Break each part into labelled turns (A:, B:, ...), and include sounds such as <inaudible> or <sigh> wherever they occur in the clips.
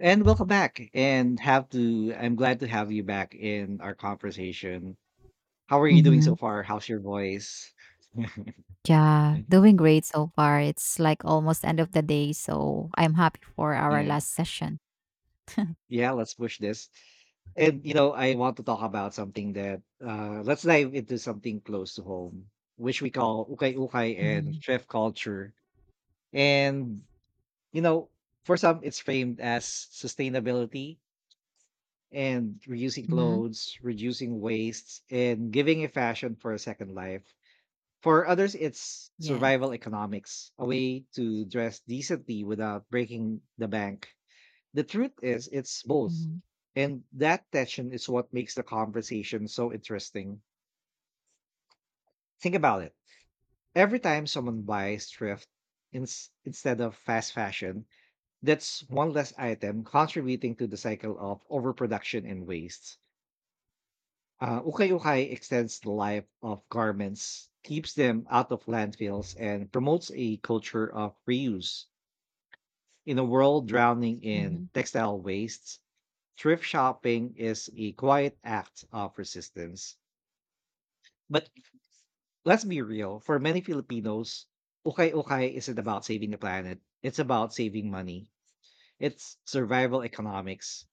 A: And welcome back. And have to I'm glad to have you back in our conversation. How are you doing
B: Mm-hmm.
A: so far? How's your voice?
B: Yeah,
A: <laughs>
B: doing great so far. It's like almost end of the day, so I'm happy for our
A: Yeah.
B: last session.
A: Yeah, let's push this. I want to talk about something that let's dive into something close to home, which we call ukay ukay and
B: Mm-hmm.
A: chef culture. And you know, for some it's framed as sustainability and reusing
B: Mm-hmm.
A: clothes, reducing wastes, and giving a fashion for a second life. For others, it's
B: Yes.
A: survival economics, a way to dress decently without breaking the bank. The truth is, it's both.
B: Mm-hmm.
A: And that tension is what makes the conversation so interesting. Think about it. Every time someone buys thrift instead of fast fashion, that's one less item contributing to the cycle of overproduction and waste. Ukay-ukay extends the life of garments, keeps them out of landfills, and promotes a culture of reuse. In a world drowning in
B: Mm-hmm.
A: textile wastes, thrift shopping is a quiet act of resistance. But let's be real, for many Filipinos, ukay-ukay isn't about saving the planet, it's about saving money. It's survival economics.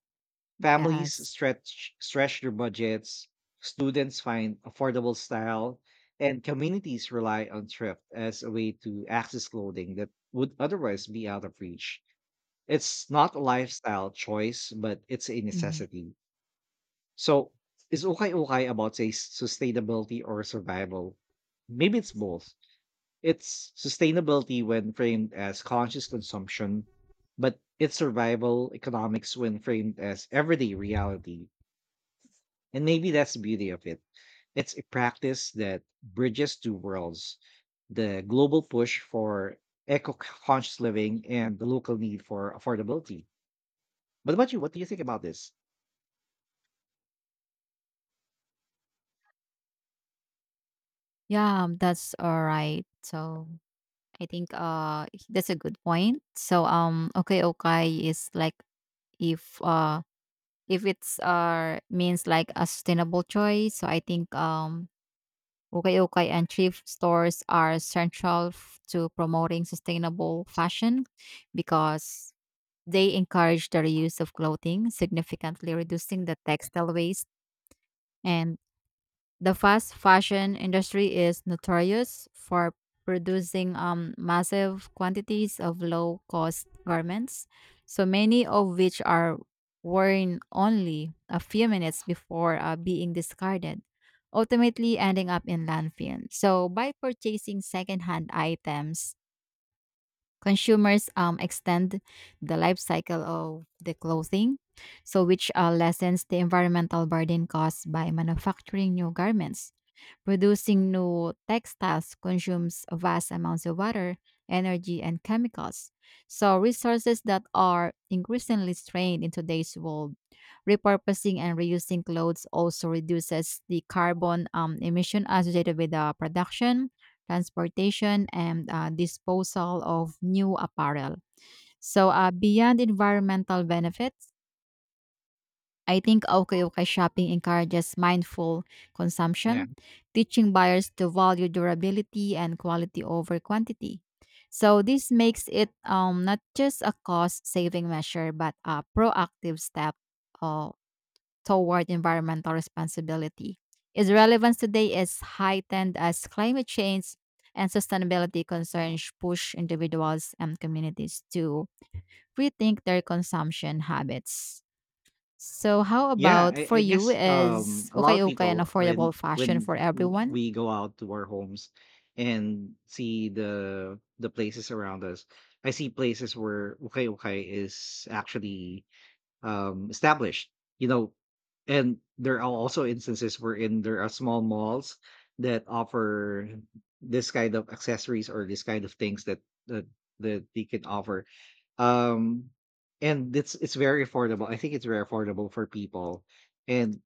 A: Families
B: Yes.
A: stretch their budgets, students find affordable style, and communities rely on thrift as a way to access clothing that would otherwise be out of reach. It's not a lifestyle choice, but it's a
B: Mm-hmm.
A: necessity. So, is okay okay about say sustainability or survival? Maybe it's both. It's sustainability when framed as conscious consumption, but it's survival economics when framed as everyday reality. And maybe that's the beauty of it. It's a practice that bridges two worlds, the global push for eco conscious living and the local need for affordability. But about you, what do you think about this?
B: Yeah, that's all right. So I think that's a good point. Okay, okay is like if uh if it's means like a sustainable choice. So I think Ukay-ukay and thrift stores are central to promoting sustainable fashion because they encourage the reuse of clothing, significantly reducing the textile waste, and the fast fashion industry is notorious for producing massive quantities of low cost garments, so many of which are worn only a few minutes before being discarded, ultimately ending up in landfill. So, by purchasing secondhand items, consumers extend the life cycle of the clothing, so which lessens the environmental burden caused by manufacturing new garments. Producing new textiles consumes vast amounts of water, energy, and chemicals. So, resources that are increasingly strained in today's world. Repurposing and reusing clothes also reduces the carbon emission associated with the production, transportation, and disposal of new apparel. So, beyond environmental benefits, I think Okoyokai shopping encourages mindful
A: Yeah.
B: consumption, teaching buyers to value durability and quality over quantity. So this makes it not just a cost-saving measure, but a proactive step uh, toward environmental responsibility. Its relevance today is heightened as climate change and sustainability concerns push individuals and communities to rethink their consumption habits. So how
A: Yeah,
B: about
A: I,
B: for
A: I
B: you,
A: guess
B: is
A: a lot
B: okay
A: of
B: okay an
A: people, I mean,
B: affordable fashion
A: when
B: for everyone?
A: we go out to our homes and see the places around us, I see places where okay okay is actually established, you know, and there are also instances wherein there are small malls that offer this kind of accessories or this kind of things that that, that they can offer. Um, and it's very affordable. I think it's very affordable for people, and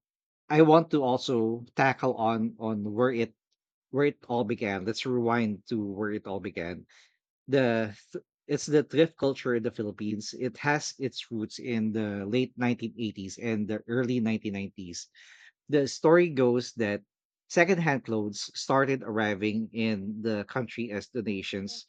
A: I want to also tackle on where it all began. Let's rewind to where it all began, it's the thrift culture in the Philippines. It has its roots in the late 1980s and the early 1990s. The story goes that secondhand clothes started arriving in the country as donations,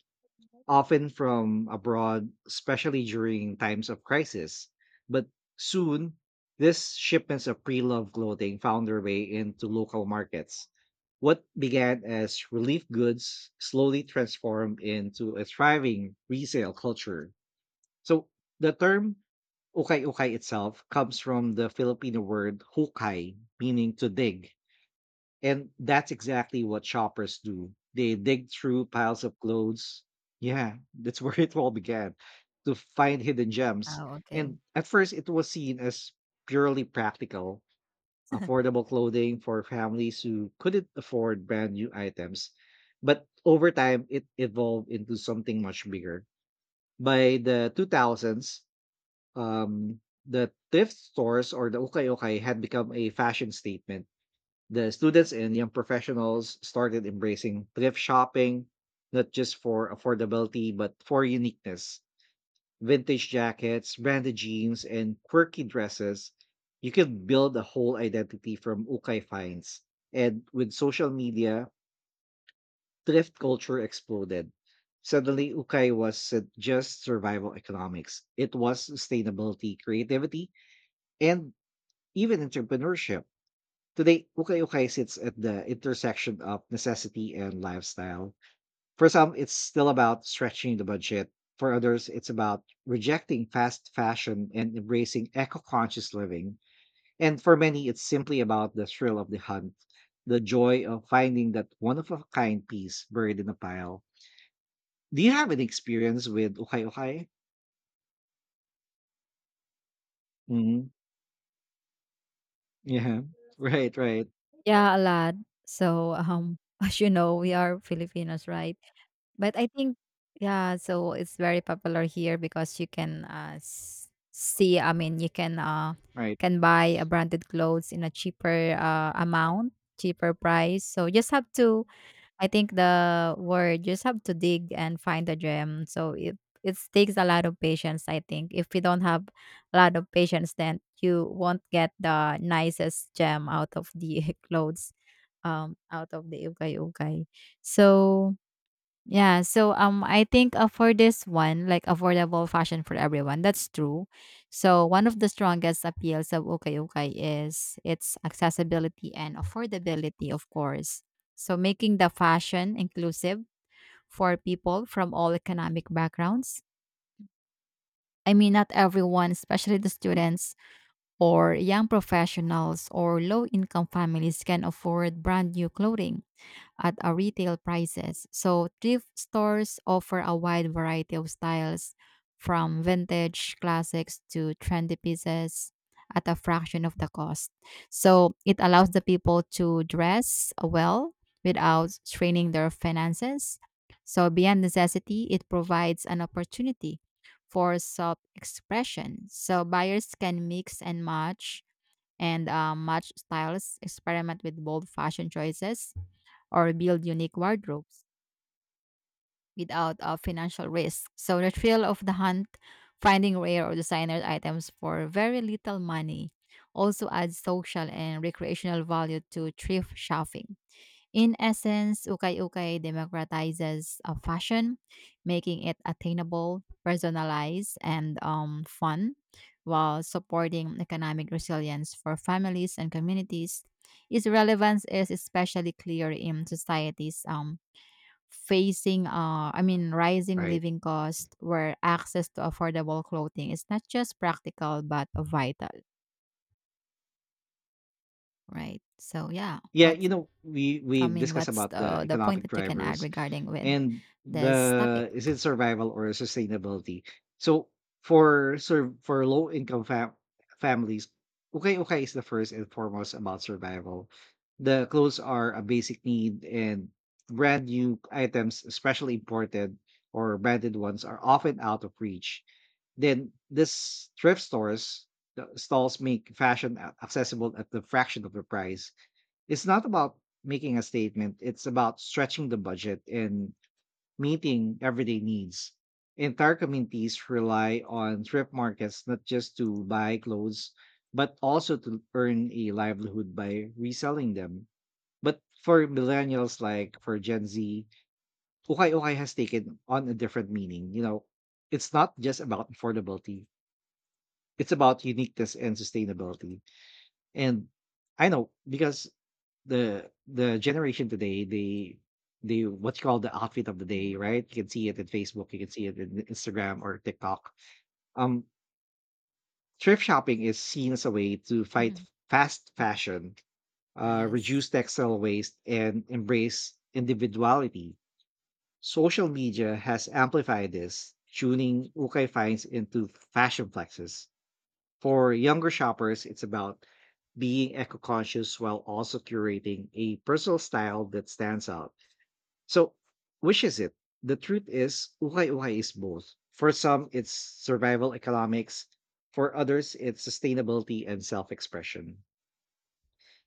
A: often from abroad, especially during times of crisis. But soon, these shipments of pre loved clothing found their way into local markets. What began as relief goods slowly transformed into a thriving resale culture. So, the term ukay ukay itself comes from the Filipino word hukay, meaning to dig, and that's exactly what shoppers do. They dig through piles of clothes. Yeah, that's <laughs> where it all began, to find hidden gems.
B: Oh,
A: And
B: okay.
A: at first, it was seen as purely practical, affordable clothing for families who couldn't afford brand new items. But over time, it evolved into something much bigger. By the 2000s, um, the thrift stores or the ukay ukay had become a fashion statement. The students and young professionals started embracing thrift shopping, not just for affordability, but for uniqueness. Vintage jackets, branded jeans, and quirky dresses. You can build a whole identity from ukai finds. And with social media, thrift culture exploded. Suddenly, ukai wasn't just survival economics, it was sustainability, creativity, and even entrepreneurship. Today, ukay-ukay sits at the intersection of necessity and lifestyle. For some, it's still about stretching the budget. For others, it's about rejecting fast fashion and embracing eco conscious living. And for many, it's simply about the thrill of the hunt, the joy of finding that one of a kind piece buried in a pile. Do you have an experience with ukay-ukay? Mm-hmm. Yeah. <laughs> Right, right,
B: Yeah, a lot. So <laughs> as you know, we are Filipinos, right? But I think, yeah, so it's very popular here because you can see. I mean, you
A: right,
B: can buy a branded clothes in a cheaper amount, cheaper price. So just have to. I think the word just have to dig and find the gem. So it takes a lot of patience. I think if you don't have a lot of patience, then you won't get the nicest gem out of the <laughs> clothes out of the ugay ugay. So yeah, so I think for this one, like affordable fashion for everyone, that's true. So one of the strongest appeals of Okay Okay is its accessibility and affordability, of course. So making the fashion inclusive for people from all economic backgrounds. I mean not everyone, especially the students or young professionals or low income families can afford brand new clothing at our retail prices. So thrift stores offer a wide variety of styles from vintage classics to trendy pieces at a fraction of the cost. So it allows the people to dress well without straining their finances. So beyond necessity, it provides an opportunity for self-expression. So buyers can mix and match and match styles, experiment with bold fashion choices or build unique wardrobes without a financial risk. So the thrill of the hunt, finding rare or designer items for very little money, also adds social and recreational value to thrift shopping. In essence, Ukay Ukay democratizes a fashion, making it attainable, personalized, and fun, while supporting economic resilience for families and communities. Its relevance is especially clear in societies facing I mean rising
A: right.
B: living costs where access to affordable clothing is not just practical but vital, right? So yeah,
A: Yeah, you
B: what's
A: know, we
B: I
A: we've
B: mean
A: discussed
B: what's
A: about the
B: the point
A: economic
B: that you can add
A: drivers
B: regarding with
A: and
B: this topic?
A: the, is it survival or sustainability, so for low income families, okay okay is the first and foremost about survival. The clothes are a basic need, and brand new items, especially imported or branded ones, are often out of reach. Then this thrift stores, the stalls, make fashion accessible at the fraction of the price. It's not about making a statement, it's about stretching the budget and meeting everyday needs. Entire communities rely on thrift markets not just to buy clothes, but also to earn a livelihood by reselling them. But for millennials, like for Gen Z, ukay ukay has taken on a different meaning. You know, it's not just about affordability, it's about uniqueness and sustainability. And I know because the generation today, they what you call the outfit of the day,
B: Hmm.
A: right? You can see it in Facebook, you can see it in Instagram or TikTok. Um, Thrift shopping is seen as a way to fight
B: Hmm.
A: fast fashion,
B: Yes.
A: reduce textile waste, and embrace individuality. Social media has amplified this, tuning Ukay finds into fashion flexes. For younger shoppers, it's about being eco conscious while also curating a personal style that stands out. So, which is it? The truth is, Ukay Ukay is both. For some, it's survival economics. For others, it's sustainability and self expression.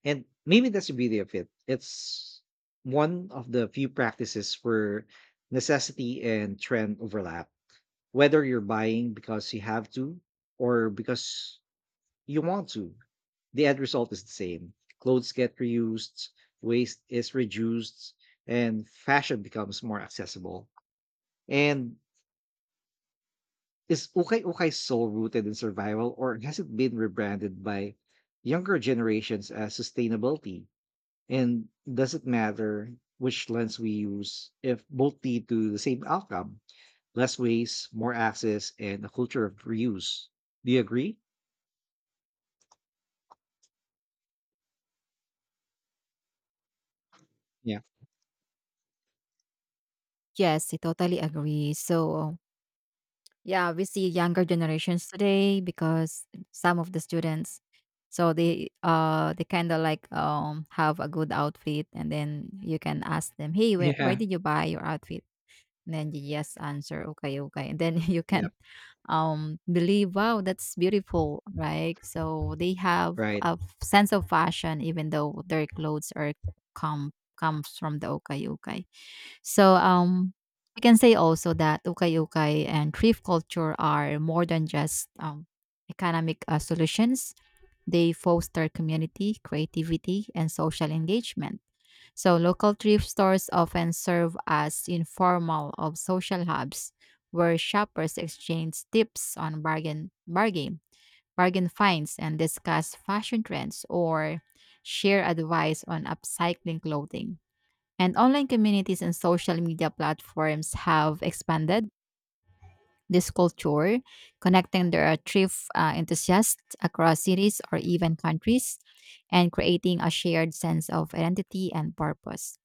A: And maybe that's the beauty of it. It's one of the few practices where necessity and trend overlap. Whether you're buying because you have to or because you want to, the end result is the same. Clothes get reused, waste is reduced, and fashion becomes more accessible. And is Ukay Ukay so rooted in survival, or has it been rebranded by younger generations as sustainability? And does it matter which lens we use if both lead to the same outcome? Less waste, more access, and a culture of reuse. Do you agree? Yeah.
B: Yes, I totally agree. So yeah, we see younger generations today because some of the students, so they kind of like have a good outfit and then you can ask them, "Hey,
A: <laughs>
B: where
A: Yeah.
B: did you buy your outfit?" And then you just answer, "Okay, okay." And then <laughs> you
A: Yeah.
B: can believe, "Wow, that's beautiful." Right? So they have
A: Right.
B: a sense of fashion even though their clothes are come comes from the okay, okay. So we can say also that ukay-ukay and thrift culture are more than just economic solutions. They foster community, creativity, and social engagement. So local thrift stores often serve as informal of social hubs where shoppers exchange tips on bargain finds and discuss fashion trends or share advice on upcycling clothing, and online communities and social media platforms have expanded this culture, connecting their thrift enthusiasts across cities or even countries, and creating a shared sense of identity and purpose.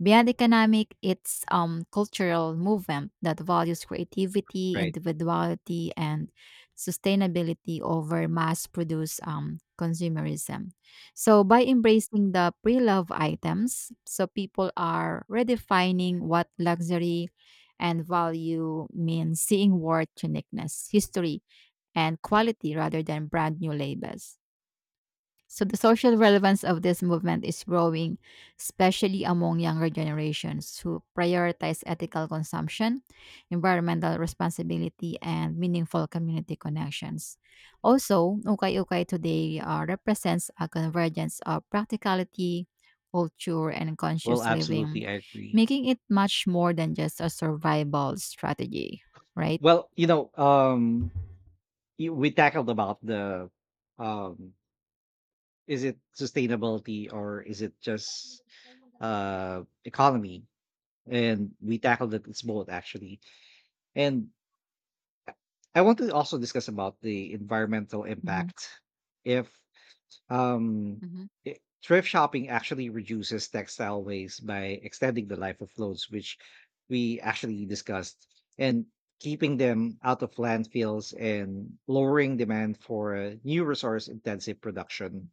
B: Beyond economic, it's cultural movement that values creativity,
A: Right.
B: individuality, and sustainability over mass-produced consumerism. So by embracing the pre-love items, so people are redefining what luxury and value means, seeing worth, uniqueness, history, and quality rather than brand new labels. So the social relevance of this movement is growing, especially among younger generations who prioritize ethical consumption, environmental responsibility, and meaningful community connections. Also, Ukay Ukay today represents a convergence of practicality, culture, and
A: Well,
B: conscious living,
A: absolutely, I agree.
B: making it much more than just a survival strategy, right?
A: Well, you, we tackled about the um, is it sustainability or is it just economy? And we tackled that it's both actually. And I I want to also discuss about the environmental
B: Mhm.
A: impact. If Um,
B: Mhm.
A: I- Thrift shopping actually reduces textile waste by extending the life of clothes, which we actually discussed, and keeping them out of landfills and lowering demand for new resource intensive production.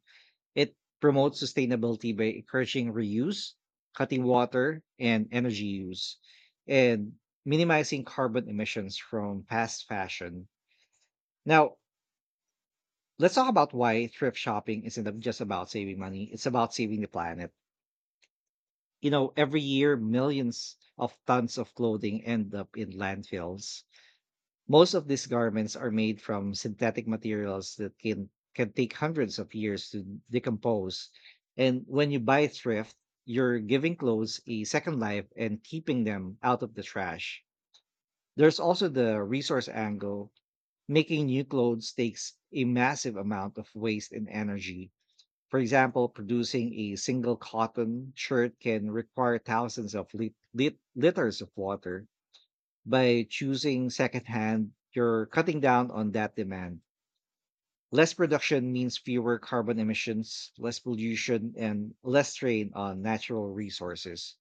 A: It promotes sustainability by encouraging reuse, cutting water and energy use, and minimizing carbon emissions from fast fashion. Now, let's talk about why thrift shopping isn't just about saving money, it's about saving the planet. You know, every year, millions of tons of clothing end up in landfills. Most of these garments are made from synthetic materials that can take hundreds of years to decompose. And when you buy thrift, you're giving clothes a second life and keeping them out of the trash. There's also the resource angle. Making new clothes takes a massive amount of waste and energy. For example, producing a single cotton shirt can require thousands of liters of water. By choosing secondhand, you're cutting down on that demand. Less production means fewer carbon emissions, less pollution, and less strain on natural resources.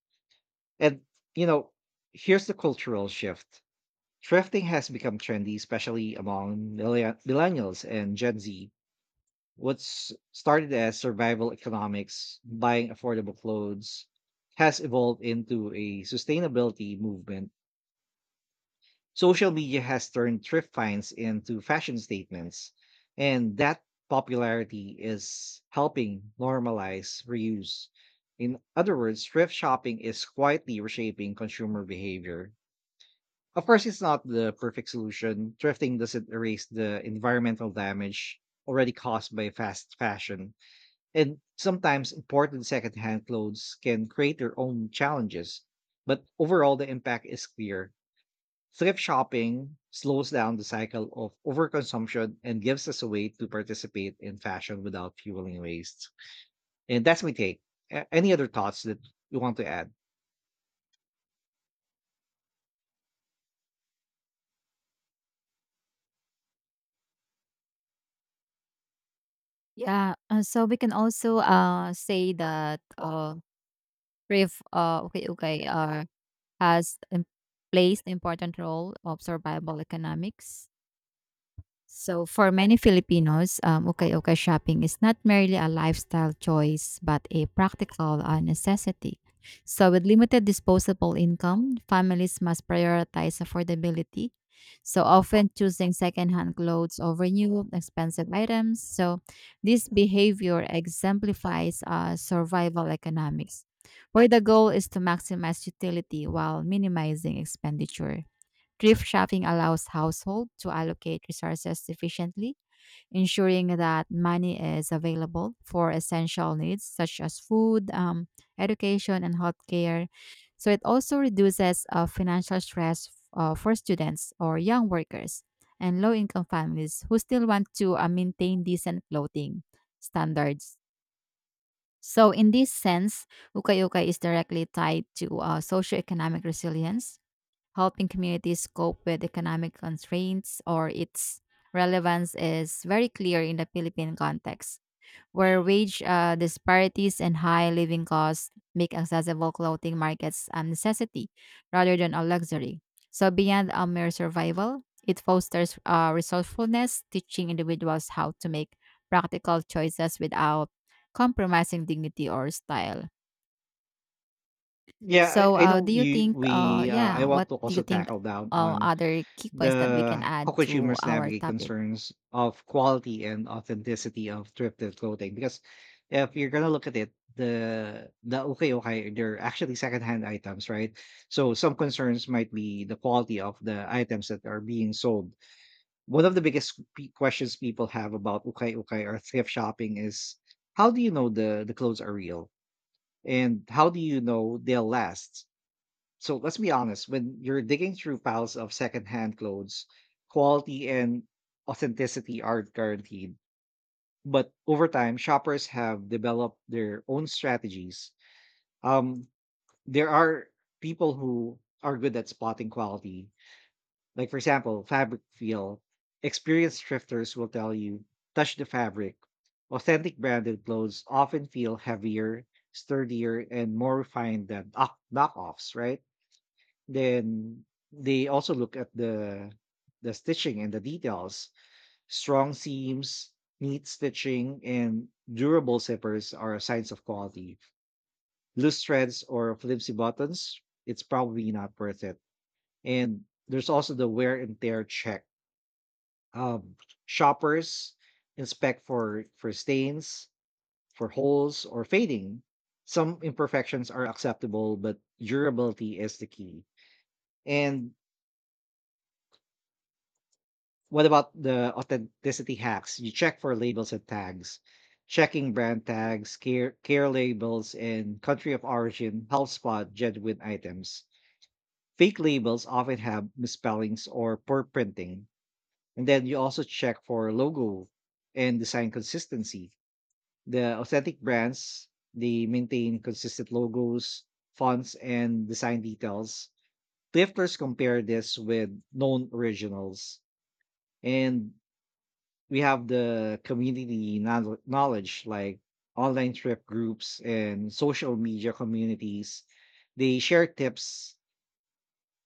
A: And, you know, Here's the cultural shift: thrifting has become trendy, especially among millennials and Gen Z. What's started as survival economics, buying affordable clothes, has evolved into a sustainability movement. Social media has turned thrift finds into fashion statements, and that popularity is helping normalize reuse. In other words, thrift shopping is quietly reshaping consumer behavior. Of course, it's not the perfect solution. Thrifting doesn't erase the environmental damage already caused by fast fashion, and sometimes imported secondhand clothes can create their own challenges. But overall, the impact is clear. Thrift shopping slows down the cycle of overconsumption and gives us a way to participate in fashion without fueling waste. And that's my take. Any other thoughts that you want to add?
B: Yeah, so we can also say that. Rev Okay, okay, has im- plays the important role of survival economics. So for many Filipinos, ukay-ukay shopping is not merely a lifestyle choice, but a practical necessity. So with limited disposable income, families must prioritize affordability, so often choosing secondhand clothes over new expensive items. So this behavior exemplifies survival economics, where the goal is to maximize utility while minimizing expenditure. Thrift shopping allows households to allocate resources efficiently, ensuring that money is available for essential needs such as food, education, and healthcare. So it also reduces financial stress for students or young workers and low income families who still want to maintain decent clothing standards. So, in this sense, ukay-ukay is directly tied to socioeconomic resilience, helping communities cope with economic constraints, or its relevance is very clear in the Philippine context, where wage disparities and high living costs make accessible clothing markets a necessity rather than a luxury. So beyond a mere survival, it fosters resourcefulness, teaching individuals how to make practical choices without compromising dignity or style.
A: Yeah,
B: So,
A: I know
B: do you
A: you.
B: think,
A: We I
B: yeah,
A: want
B: what
A: to
B: do
A: also
B: you think
A: tackle down on
B: other key points that we can
A: the
B: add
A: how
B: to
A: consumers
B: our
A: navigate
B: topic?
A: concerns of quality and authenticity of thrifted clothing, because if you're gonna look at it, the okay okay, they're actually secondhand items, right? So some concerns might be the quality of the items that are being sold. One of the biggest questions people have about okay okay or thrift shopping is, how do you know the clothes are real, and how do you know they'll last? So let's be honest, when you're digging through piles of secondhand clothes, quality and authenticity aren't guaranteed. But over time, shoppers have developed their own strategies. Um, there are people who are good at spotting quality. Like, for example, fabric feel. Experienced thrifters will tell you, touch the fabric. Authentic branded clothes often feel heavier, sturdier, and more refined than knockoffs, right? Then they also look at the stitching and the details. Strong seams, neat stitching, and durable zippers are signs of quality. Loose threads or flimsy buttons, it's probably not worth it. And there's also the wear and tear check. Um, Shoppers inspect for stains, for holes, or fading. Some imperfections are acceptable, but durability is the key. And what about the authenticity hacks? You check for labels and tags. Checking brand tags, care labels, and country of origin helps spot genuine items. Fake labels often have misspellings or poor printing. And then you also check for logo and design consistency. The authentic brands, they maintain consistent logos, fonts, and design details. Thrifters compare this with known originals. And we have the community knowledge like online trip groups and social media communities, they share tips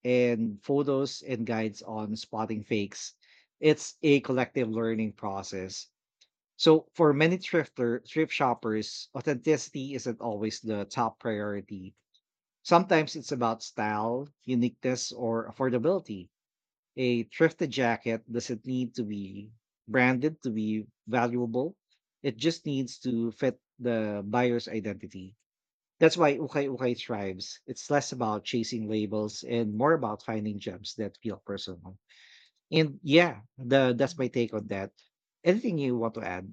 A: and photos and guides on spotting fakes. It's a collective learning process. So for many thrift shoppers, authenticity isn't always the top priority. Sometimes it's about style, uniqueness, or affordability. A thrifted jacket doesn't need to be branded to be valuable. It just needs to fit the buyer's identity. That's why Ukay Ukay thrives. It's less about chasing labels and more about finding gems that feel personal. And yeah, the that's my take on that. Anything you want to add?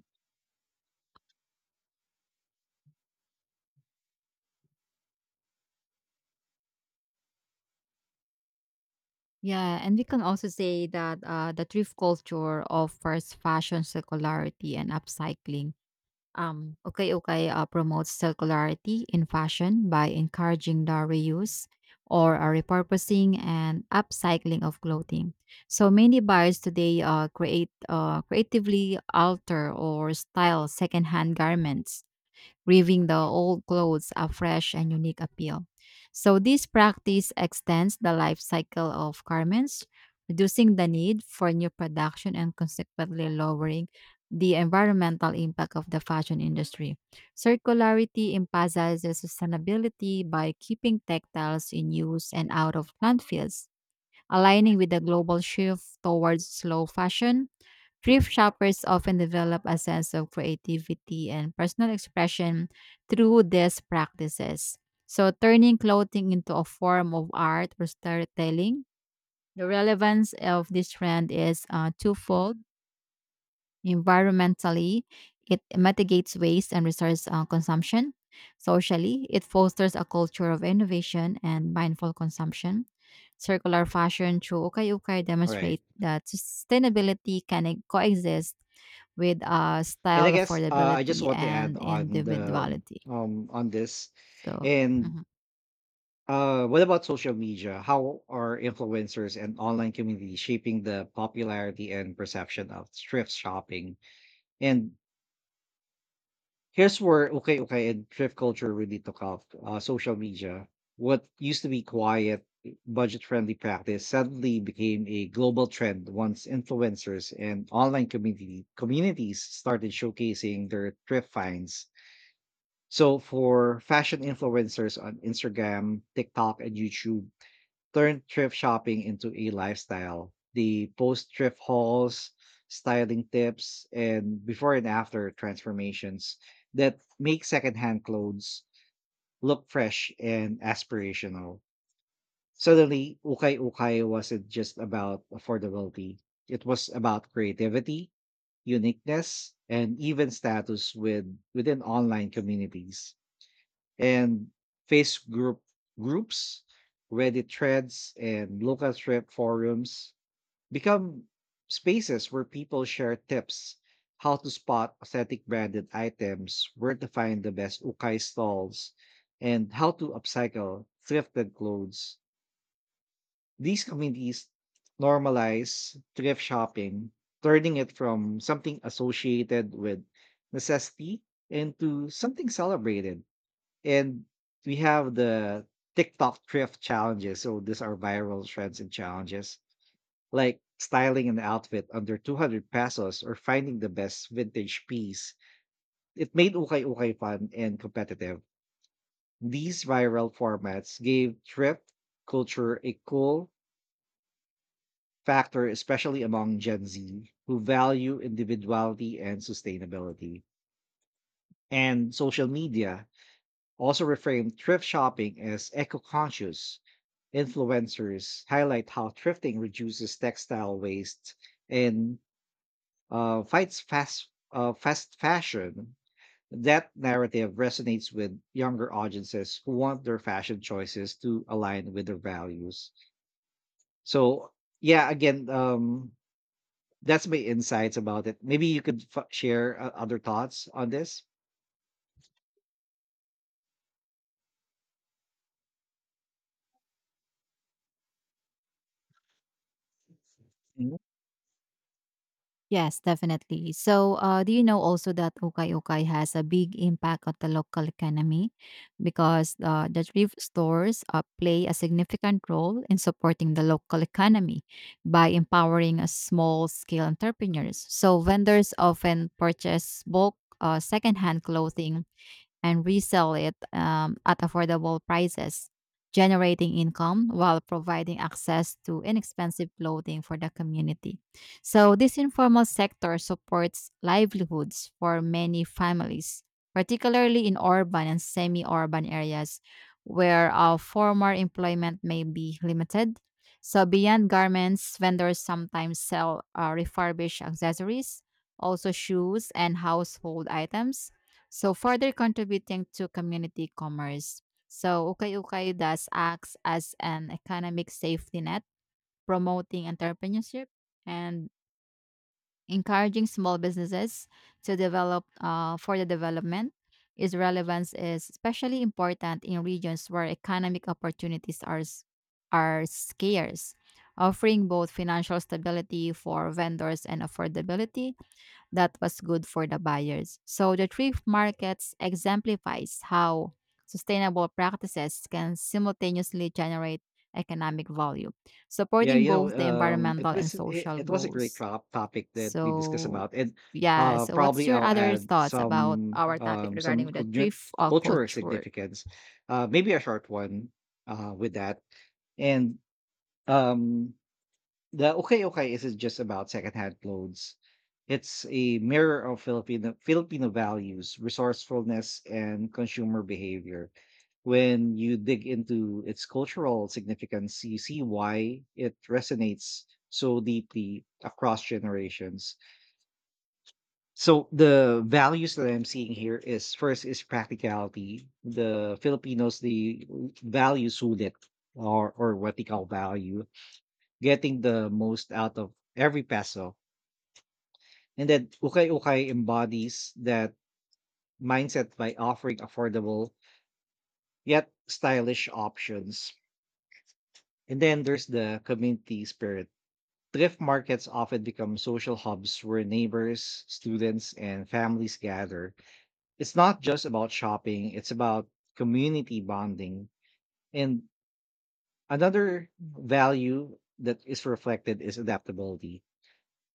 B: Yeah, and we can also say that the thrift culture offers fashion circularity and upcycling. Okay, okay, promotes circularity in fashion by encouraging the reuse or repurposing and upcycling of clothing. So many buyers today create creatively alter or style secondhand garments, giving the old clothes a fresh and unique appeal. So this practice extends the life cycle of garments, reducing the need for new production and consequently lowering the environmental impact of the fashion industry. Circularity emphasizes sustainability by keeping textiles in use and out of landfills, aligning with the global shift towards slow fashion. Thrift shoppers often develop a sense of creativity and personal expression through these practices. So, turning clothing into a form of art or storytelling, the relevance of this trend is twofold. Environmentally, it mitigates waste and resource consumption. Socially, it fosters a culture of innovation and mindful consumption. Circular fashion through ukay ukay
A: All right.
B: demonstrate that sustainability can coexist with
A: And I
B: style,
A: guess I just
B: affordability,
A: want to add
B: and
A: on the
B: individuality.
A: on this.
B: So,
A: And
B: mhm.
A: What about social media? How are influencers and online community shaping the popularity and perception of thrift shopping? And here's where okay, okay, and thrift culture really took off. Social media, what used to be quiet, budget-friendly practice, suddenly became a global trend once influencers and online community communities started showcasing their thrift finds. So for fashion influencers on Instagram, TikTok, and YouTube turned thrift shopping into a lifestyle. The post thrift hauls, styling tips, and before and after transformations that make secondhand clothes look fresh and aspirational. Suddenly, Ukay Ukay wasn't just about affordability, it was about creativity, uniqueness, and even status with, within online communities and face groups, Reddit threads, and local thread forums become spaces where people share tips, how to spot authentic branded items, where to find the best ukai stalls, and how to upcycle thrifted clothes. These communities normalize thrift shopping, turning it from something associated with necessity into something celebrated. And we have the TikTok thrift challenges. So these are viral trends and challenges like styling an outfit under 200 pesos or finding the best vintage piece. It made Ukay Ukay fun and competitive. These viral formats gave thrift culture a cool factor, especially among Gen Z who value individuality and sustainability. And social media also reframed thrift shopping as eco conscious. Influencers highlight how thrifting reduces textile waste and fights fast fashion. That narrative resonates with younger audiences who want their fashion choices to align with their values. So, yeah, again, that's my insights about it. Maybe you could share other thoughts on this. Mm-hmm.
B: Yes, definitely. So, do you know also that ukay ukay has a big impact on the local economy because the thrift stores play a significant role in supporting the local economy by empowering a small scale entrepreneurs. So, vendors often purchase bulk secondhand clothing and resell it at affordable prices, generating income while providing access to inexpensive clothing for the community. So, this informal sector supports livelihoods for many families, particularly in urban and semi urban areas where formal employment may be limited. So, beyond garments, vendors sometimes sell refurbished accessories, also shoes and household items, so further contributing to community commerce. So Ukay-Ukay thus acts as an economic safety net, promoting entrepreneurship and encouraging small businesses to develop for the development. Its relevance is especially important in regions where economic opportunities are scarce, offering both financial stability for vendors and affordability that was good for the buyers. So the thrift markets exemplifies how sustainable practices can simultaneously generate economic value,
A: Yeah,
B: supporting
A: you know,
B: both the
A: it
B: environmental and
A: was it,
B: social
A: it was a great
B: goals.
A: crop topic that we discussed
B: So
A: about, and
B: yeah, so what's
A: probably
B: your
A: I'll
B: other
A: add
B: thoughts about
A: some
B: our topic
A: um, some
B: regarding the
A: cultu-
B: thrift
A: cultural
B: culture?
A: significance, maybe a short one with that, and um, the Okay Okay isn't just about secondhand clothes. It's a mirror of Filipino values, resourcefulness, and consumer behavior. When you dig into its cultural significance, you see why it resonates so deeply across generations. So the values that I'm seeing here is first is practicality. The Filipinos, the values sulit or what they call value, getting the most out of every peso. And then Ukay Ukay embodies that mindset by offering affordable yet stylish options. And then there's the community spirit. Thrift markets often become social hubs where neighbors, students, and families gather. It's not just about shopping, it's about community bonding. And another value that is reflected is adaptability.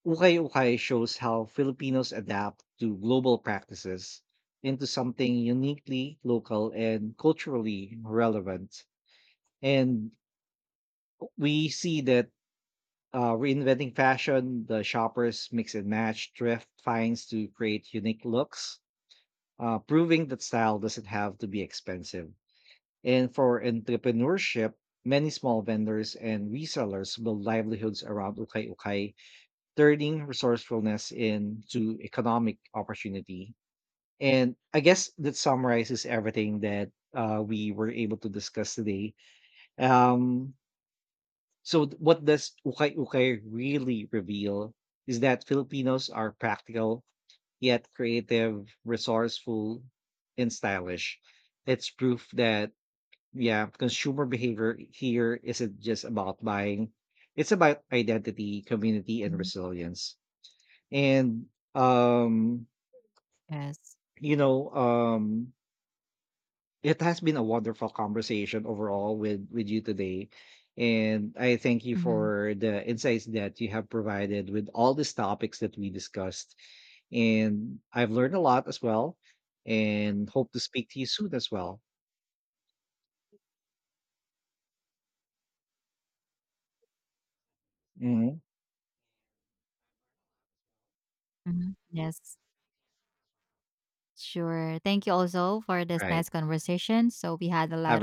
A: Ukay Ukay shows how Filipinos adapt to global practices into something uniquely local and culturally relevant. And we see that, reinventing fashion, the shoppers mix and match thrift finds to create unique looks, proving that style doesn't have to be expensive. And for entrepreneurship, many small vendors and resellers build livelihoods around Ukay Ukay, turning resourcefulness into economic opportunity. And I guess that summarizes everything that we were able to discuss today. Um, so, what does ukay ukay really reveal is that Filipinos are practical, yet creative, resourceful, and stylish. It's proof that, yeah, consumer behavior here isn't just about buying, it's about identity, community, and
B: Mhm.
A: resilience. And um
B: Yes.
A: you know, it has been a wonderful conversation overall with you today, and I thank you
B: Mm-hmm.
A: for the insights that you have provided with all these topics that we discussed, and I've learned a lot as well, and hope to speak to you soon as well. Mhm.
B: Mm-hmm. Yes. Sure. Thank you also for this
A: Right.
B: nice conversation. So we had a
A: Have
B: lot